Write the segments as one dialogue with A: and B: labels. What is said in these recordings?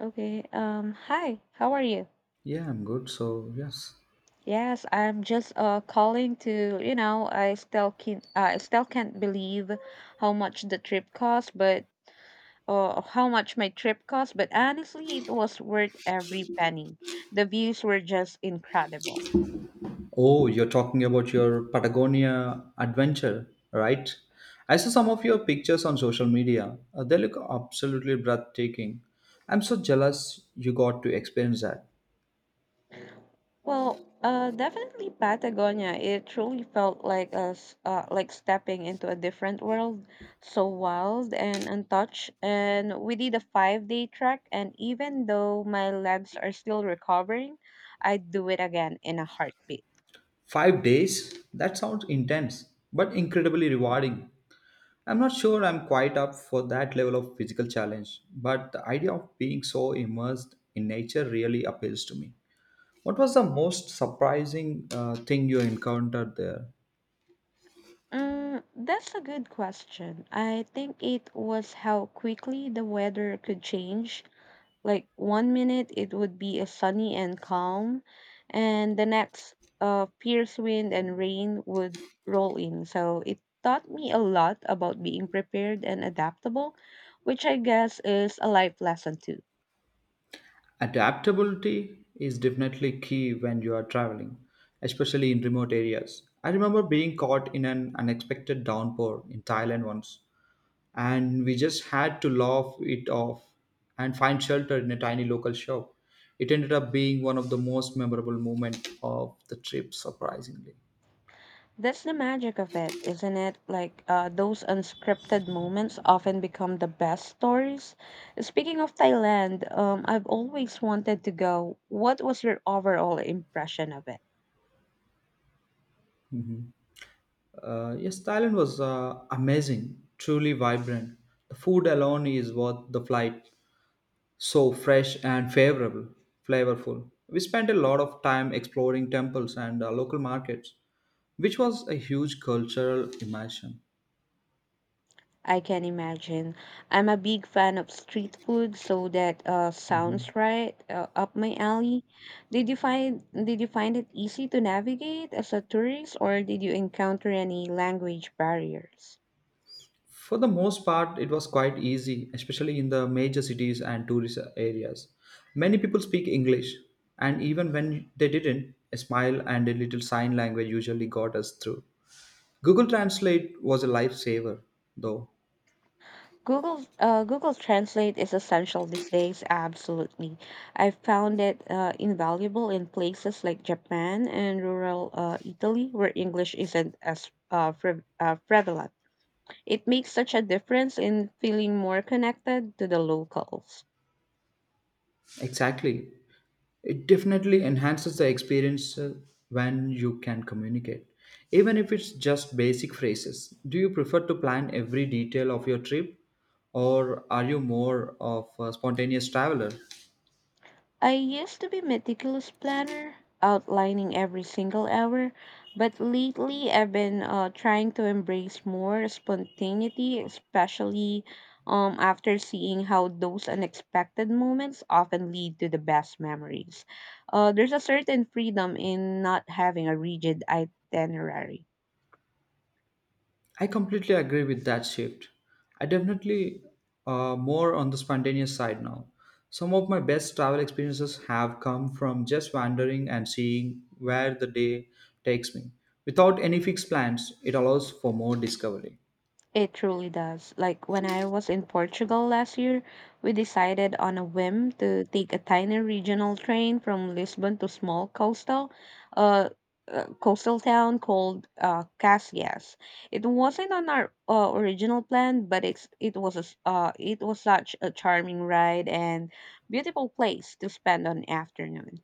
A: Okay. Hi, how are you?
B: Yeah, I'm good. So, yes.
A: Yes, I'm just calling to, you know, I still can't believe how much the trip cost, but how much my trip cost, but honestly, it was worth every penny. The views were just incredible.
B: Oh, you're talking about your Patagonia adventure, right? I saw some of your pictures on social media. They look absolutely breathtaking. I'm so jealous you got to experience that.
A: Well, definitely Patagonia. It truly felt like a s like stepping into a different world, so wild and untouched. And we did a 5 day trek, and even though my legs are still recovering, I'd do it again in a heartbeat.
B: 5 days? That sounds intense, but incredibly rewarding. I'm not sure I'm quite up for that level of physical challenge, but the idea of being so immersed in nature really appeals to me. What was the most surprising thing you encountered there?
A: Mm, that's a good question. I think it was how quickly the weather could change. Like one minute it would be a sunny and calm, and the next, fierce wind and rain would roll in. So it taught me a lot about being prepared and adaptable, which I guess is a life lesson too.
B: Adaptability is definitely key when you are traveling, especially in remote areas. I remember being caught in an unexpected downpour in Thailand once, and we just had to laugh it off and find shelter in a tiny local shop. It ended up being one of the most memorable moments of the trip, surprisingly.
A: That's the magic of it, isn't it? Like those unscripted moments often become the best stories. Speaking of Thailand, I've always wanted to go. What was your overall impression of it?
B: Yes, Thailand was amazing, truly vibrant. The food alone is worth the flight, so fresh and flavorful. We spent a lot of time exploring temples and local markets, which was a huge cultural immersion.
A: I can imagine. I'm a big fan of street food, so that sounds right up my alley. Did you find it easy to navigate as a tourist, or did you encounter any language barriers?
B: For the most part, it was quite easy, especially in the major cities and tourist areas. Many people speak English, and even when they didn't, a smile and a little sign language usually got us through. Google Translate was a lifesaver, though.
A: Google Translate is essential these days, absolutely. I've found it invaluable in places like Japan and rural Italy where English isn't as prevalent. It makes such a difference in feeling more connected to the locals.
B: Exactly. It definitely enhances the experience when you can communicate, even if it's just basic phrases. Do you prefer to plan every detail of your trip, or are you more of a spontaneous traveler?
A: I used to be meticulous planner, outlining every single hour, but lately I've been trying to embrace more spontaneity, especially after seeing how those unexpected moments often lead to the best memories. There's a certain freedom in not having a rigid itinerary.
B: I completely agree with that shift. I definitely more on the spontaneous side now. Some of my best travel experiences have come from just wandering and seeing where the day takes me. Without any fixed plans, it allows for more discovery.
A: It truly does. Like when I was in Portugal last year, we decided on a whim to take a tiny regional train from Lisbon to small coastal, uh, coastal town called Caxias. It wasn't on our original plan, but it was it was such a charming ride and beautiful place to spend an afternoon.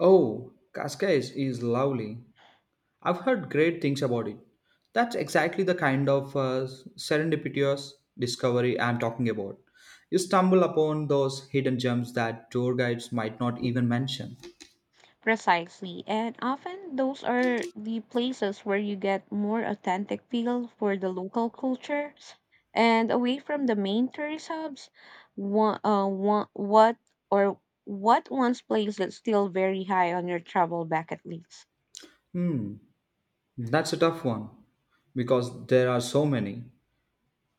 B: Oh, Cascais is lovely. I've heard great things about it. That's exactly the kind of serendipitous discovery I'm talking about. You stumble upon those hidden gems that tour guides might not even mention.
A: Precisely. And often those are the places where you get more authentic feel for the local cultures and away from the main tourist hubs. One, one, what or what once place that's still very high on your travel bucket list?
B: Hmm, that's a tough one because there are so many.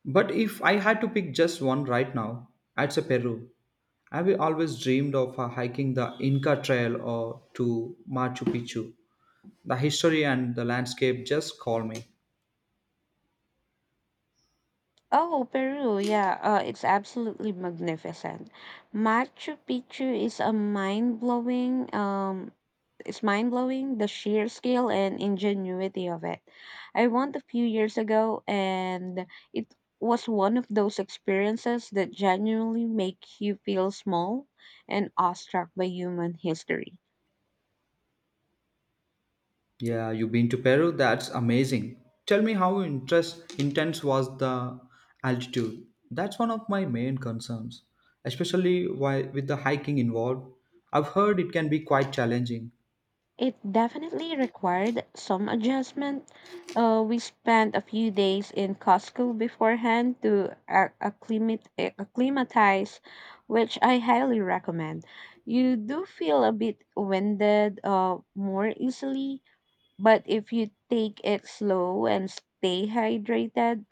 B: But if I had to pick just one right now, I'd say Peru. I've always dreamed of hiking the Inca Trail or to Machu Picchu. The history and the landscape just call me.
A: Oh, Peru, yeah, it's absolutely magnificent. Machu Picchu is a mind-blowing is mind blowing, the sheer scale and ingenuity of it. I went a few years ago, and it was one of those experiences that genuinely make you feel small and awestruck by human history.
B: Yeah, you've been to Peru? That's amazing. Tell me how intense was the altitude? That's one of my main concerns, especially why, with the hiking involved. I've heard it can be quite challenging.
A: It definitely required some adjustment. We spent a few days in Costco beforehand to acclimatize, which I highly recommend. You do feel a bit winded more easily, but if you take it slow and stay hydrated,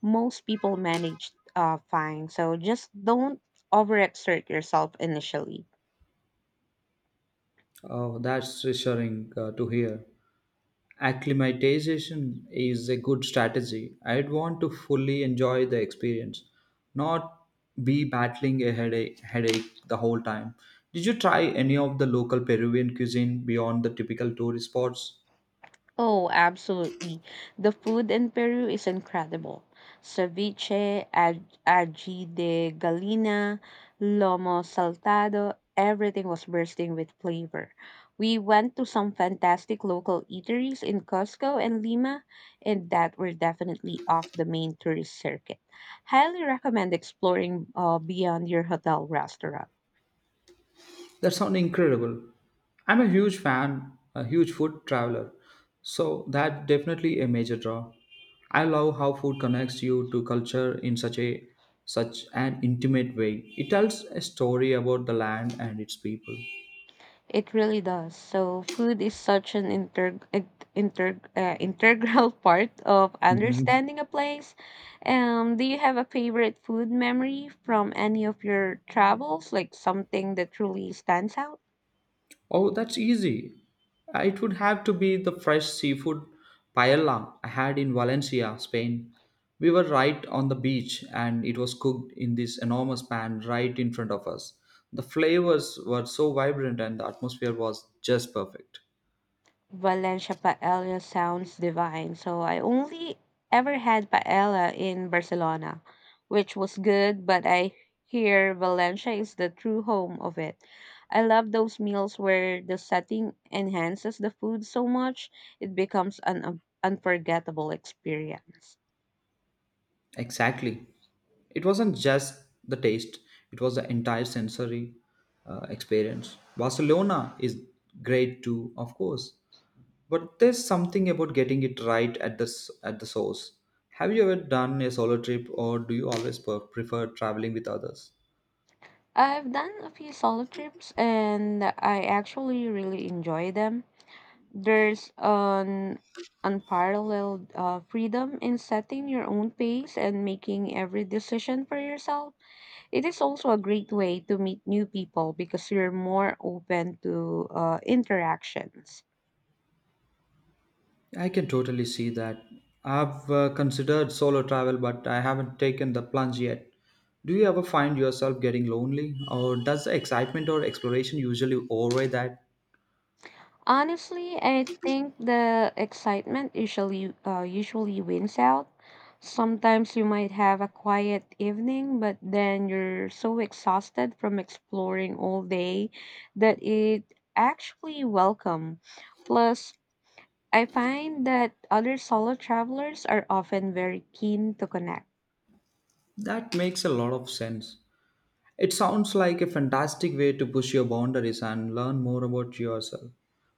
A: most people manage fine. So just don't overexert yourself initially.
B: Oh, that's reassuring to hear. Acclimatization is a good strategy. I'd want to fully enjoy the experience, not be battling a headache the whole time. Did you try any of the local Peruvian cuisine beyond the typical tourist spots?
A: Oh, absolutely. The food in Peru is incredible. Ceviche, ají de gallina, lomo saltado, everything was bursting with flavor. We went to some fantastic local eateries in Cusco and Lima, and that were definitely off the main tourist circuit. Highly recommend exploring beyond your hotel restaurant.
B: That sounds incredible. I'm a huge food traveler, so that definitely a major draw. I love how food connects you to culture in such an intimate way. It tells a story about the land and its people.
A: It really does. So food is such an integral part of
B: Mhm.
A: understanding a place. Do you have a favorite food memory from any of your travels, like something that truly stands out?
B: Oh, that's easy. It would have to be the fresh seafood paella I had in Valencia, Spain. We were right on the beach and it was cooked in this enormous pan right in front of us. The flavors were so vibrant and the atmosphere was just perfect.
A: Valencia paella sounds divine. So I only ever had paella in Barcelona, which was good, but I hear Valencia is the true home of it. I love those meals where the setting enhances the food so much it becomes an unforgettable experience.
B: Exactly. It wasn't just the taste, it was the entire sensory experience. Barcelona is great too, of course, but there's something about getting it right at the source. Have you ever done a solo trip, or do you always prefer traveling with others?
A: I've done a few solo trips and I actually really enjoy them. There's an unparalleled freedom in setting your own pace and making every decision for yourself. It is also a great way to meet new people because you're more open to interactions.
B: I can totally see that. I've considered solo travel, but I haven't taken the plunge yet. Do you ever find yourself getting lonely, or does the excitement or exploration usually override that?
A: Honestly, I think the excitement usually wins out. Sometimes you might have a quiet evening, but then you're so exhausted from exploring all day that it actually welcome. Plus, I find that other solo travelers are often very keen to connect.
B: That makes a lot of sense. It sounds like a fantastic way to push your boundaries and learn more about yourself.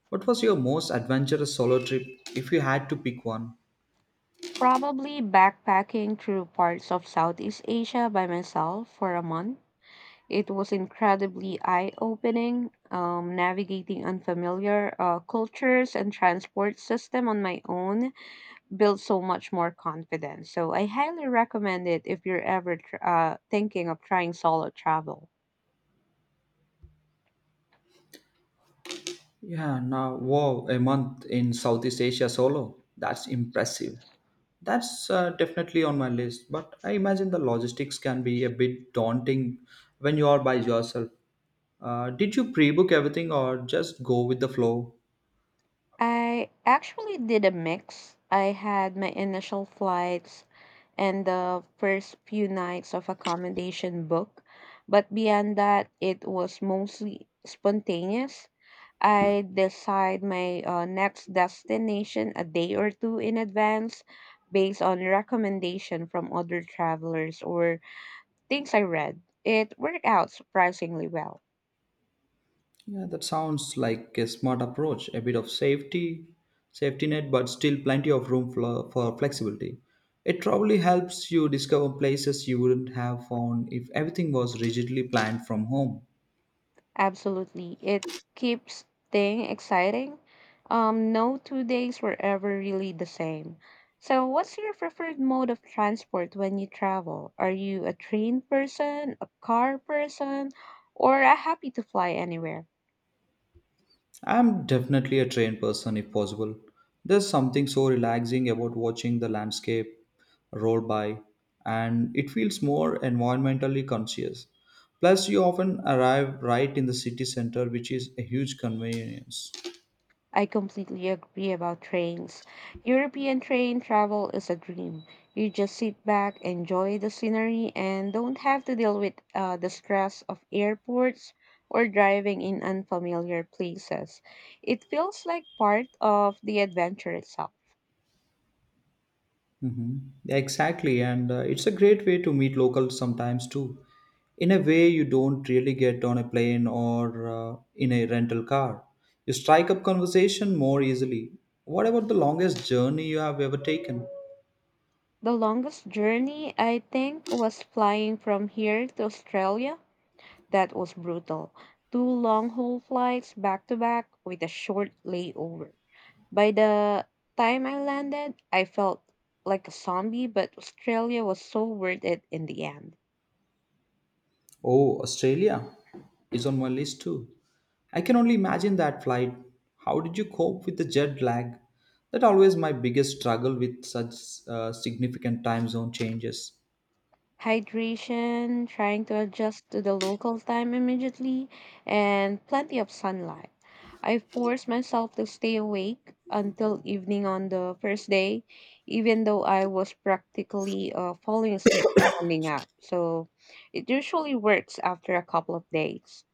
B: What was your most adventurous solo trip, if you had to pick one?
A: Probably backpacking through parts of Southeast Asia by myself for a month. It was incredibly eye opening, navigating unfamiliar cultures and transport system on my own built so much more confidence. So I highly recommend it if you're ever thinking of trying solo travel.
B: Wow, a month in Southeast Asia solo. That's impressive. That's definitely on my list, but I imagine the logistics can be a bit daunting when you are by yourself. Did you pre book everything or just go with the flow?
A: I actually did a mix. I had my initial flights and the first few nights of accommodation book, but beyond that, it was mostly spontaneous. I decide my next destination a day or two in advance based on recommendation from other travelers or things I read. It worked out surprisingly well.
B: Yeah, that sounds like a smart approach. A bit of safety net, but still plenty of room for flexibility. It probably helps you discover places you wouldn't have found if everything was rigidly planned from home.
A: Absolutely. It keeps staying exciting. No two days were ever really the same. So, what's your preferred mode of transport when you travel? Are you a train person, a car person, or a happy to fly anywhere?
B: I'm definitely a train person if possible. There's something so relaxing about watching the landscape roll by, and it feels more environmentally conscious. Plus, you often arrive right in the city center, which is a huge convenience.
A: I completely agree about trains. European train travel is a dream. You just sit back, enjoy the scenery, and don't have to deal with the stress of airports or driving in unfamiliar places. It feels like part of the adventure itself.
B: Hmm. Exactly, and it's a great way to meet locals sometimes too, in a way you don't really get on a plane or in a rental car. You strike up conversation more easily. What about the longest journey you have ever taken?
A: The longest journey, I think, was flying from here to Australia. That was brutal. Two long haul flights back to back with a short layover. By the time I landed, I felt like a zombie, but Australia was so worth it in the end.
B: Oh, Australia is on my list too. I can only imagine that flight. How did you cope with the jet lag? That always my biggest struggle with such significant time zone changes.
A: Hydration, trying to adjust to the local time immediately, and plenty of sunlight. I forced myself to stay awake until evening on the first day, even though I was practically falling asleep standing up. So it usually works after a couple of days.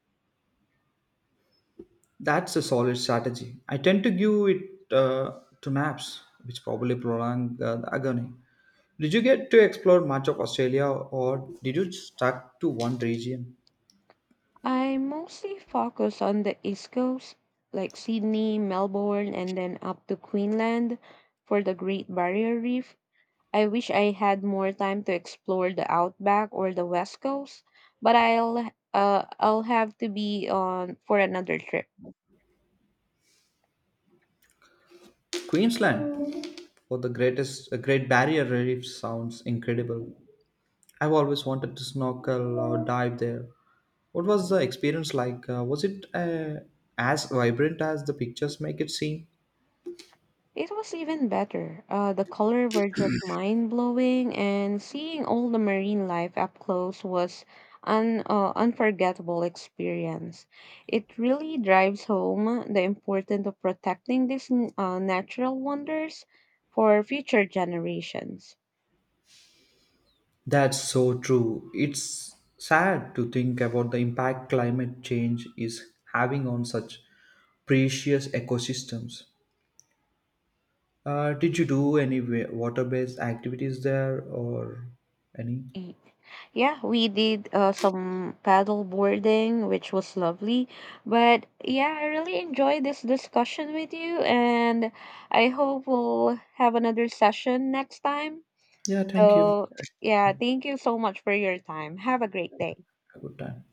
B: That's a solid strategy. I tend to give it to naps, which probably prolong the agony. Did you get to explore much of Australia or did you stuck to one region?
A: I mostly focus on the East Coast, like Sydney, Melbourne, and then up to Queensland for the Great Barrier Reef. I wish I had more time to explore the outback or the west coast, but I'll have to be on for another trip.
B: Queensland for the greatest Great Barrier Reef sounds incredible. I've always wanted to snorkel or dive there. What was the experience like? Was it as vibrant as the pictures make it seem?
A: It was even better. The color were just mind blowing, and seeing all the marine life up close was an unforgettable experience. It really drives home the importance of protecting these natural wonders for future generations.
B: That's so true. It's sad to think about the impact climate change is having on such precious ecosystems. Did you do any water-based activities there or any?
A: Y- Yeah, we did some paddle boarding, which was lovely. But yeah, I really enjoyed this discussion with you, and I hope we'll have another session next time.
B: Yeah, thank you.
A: So yeah, thank you so much for your time. Have a great day.
B: Have a good time.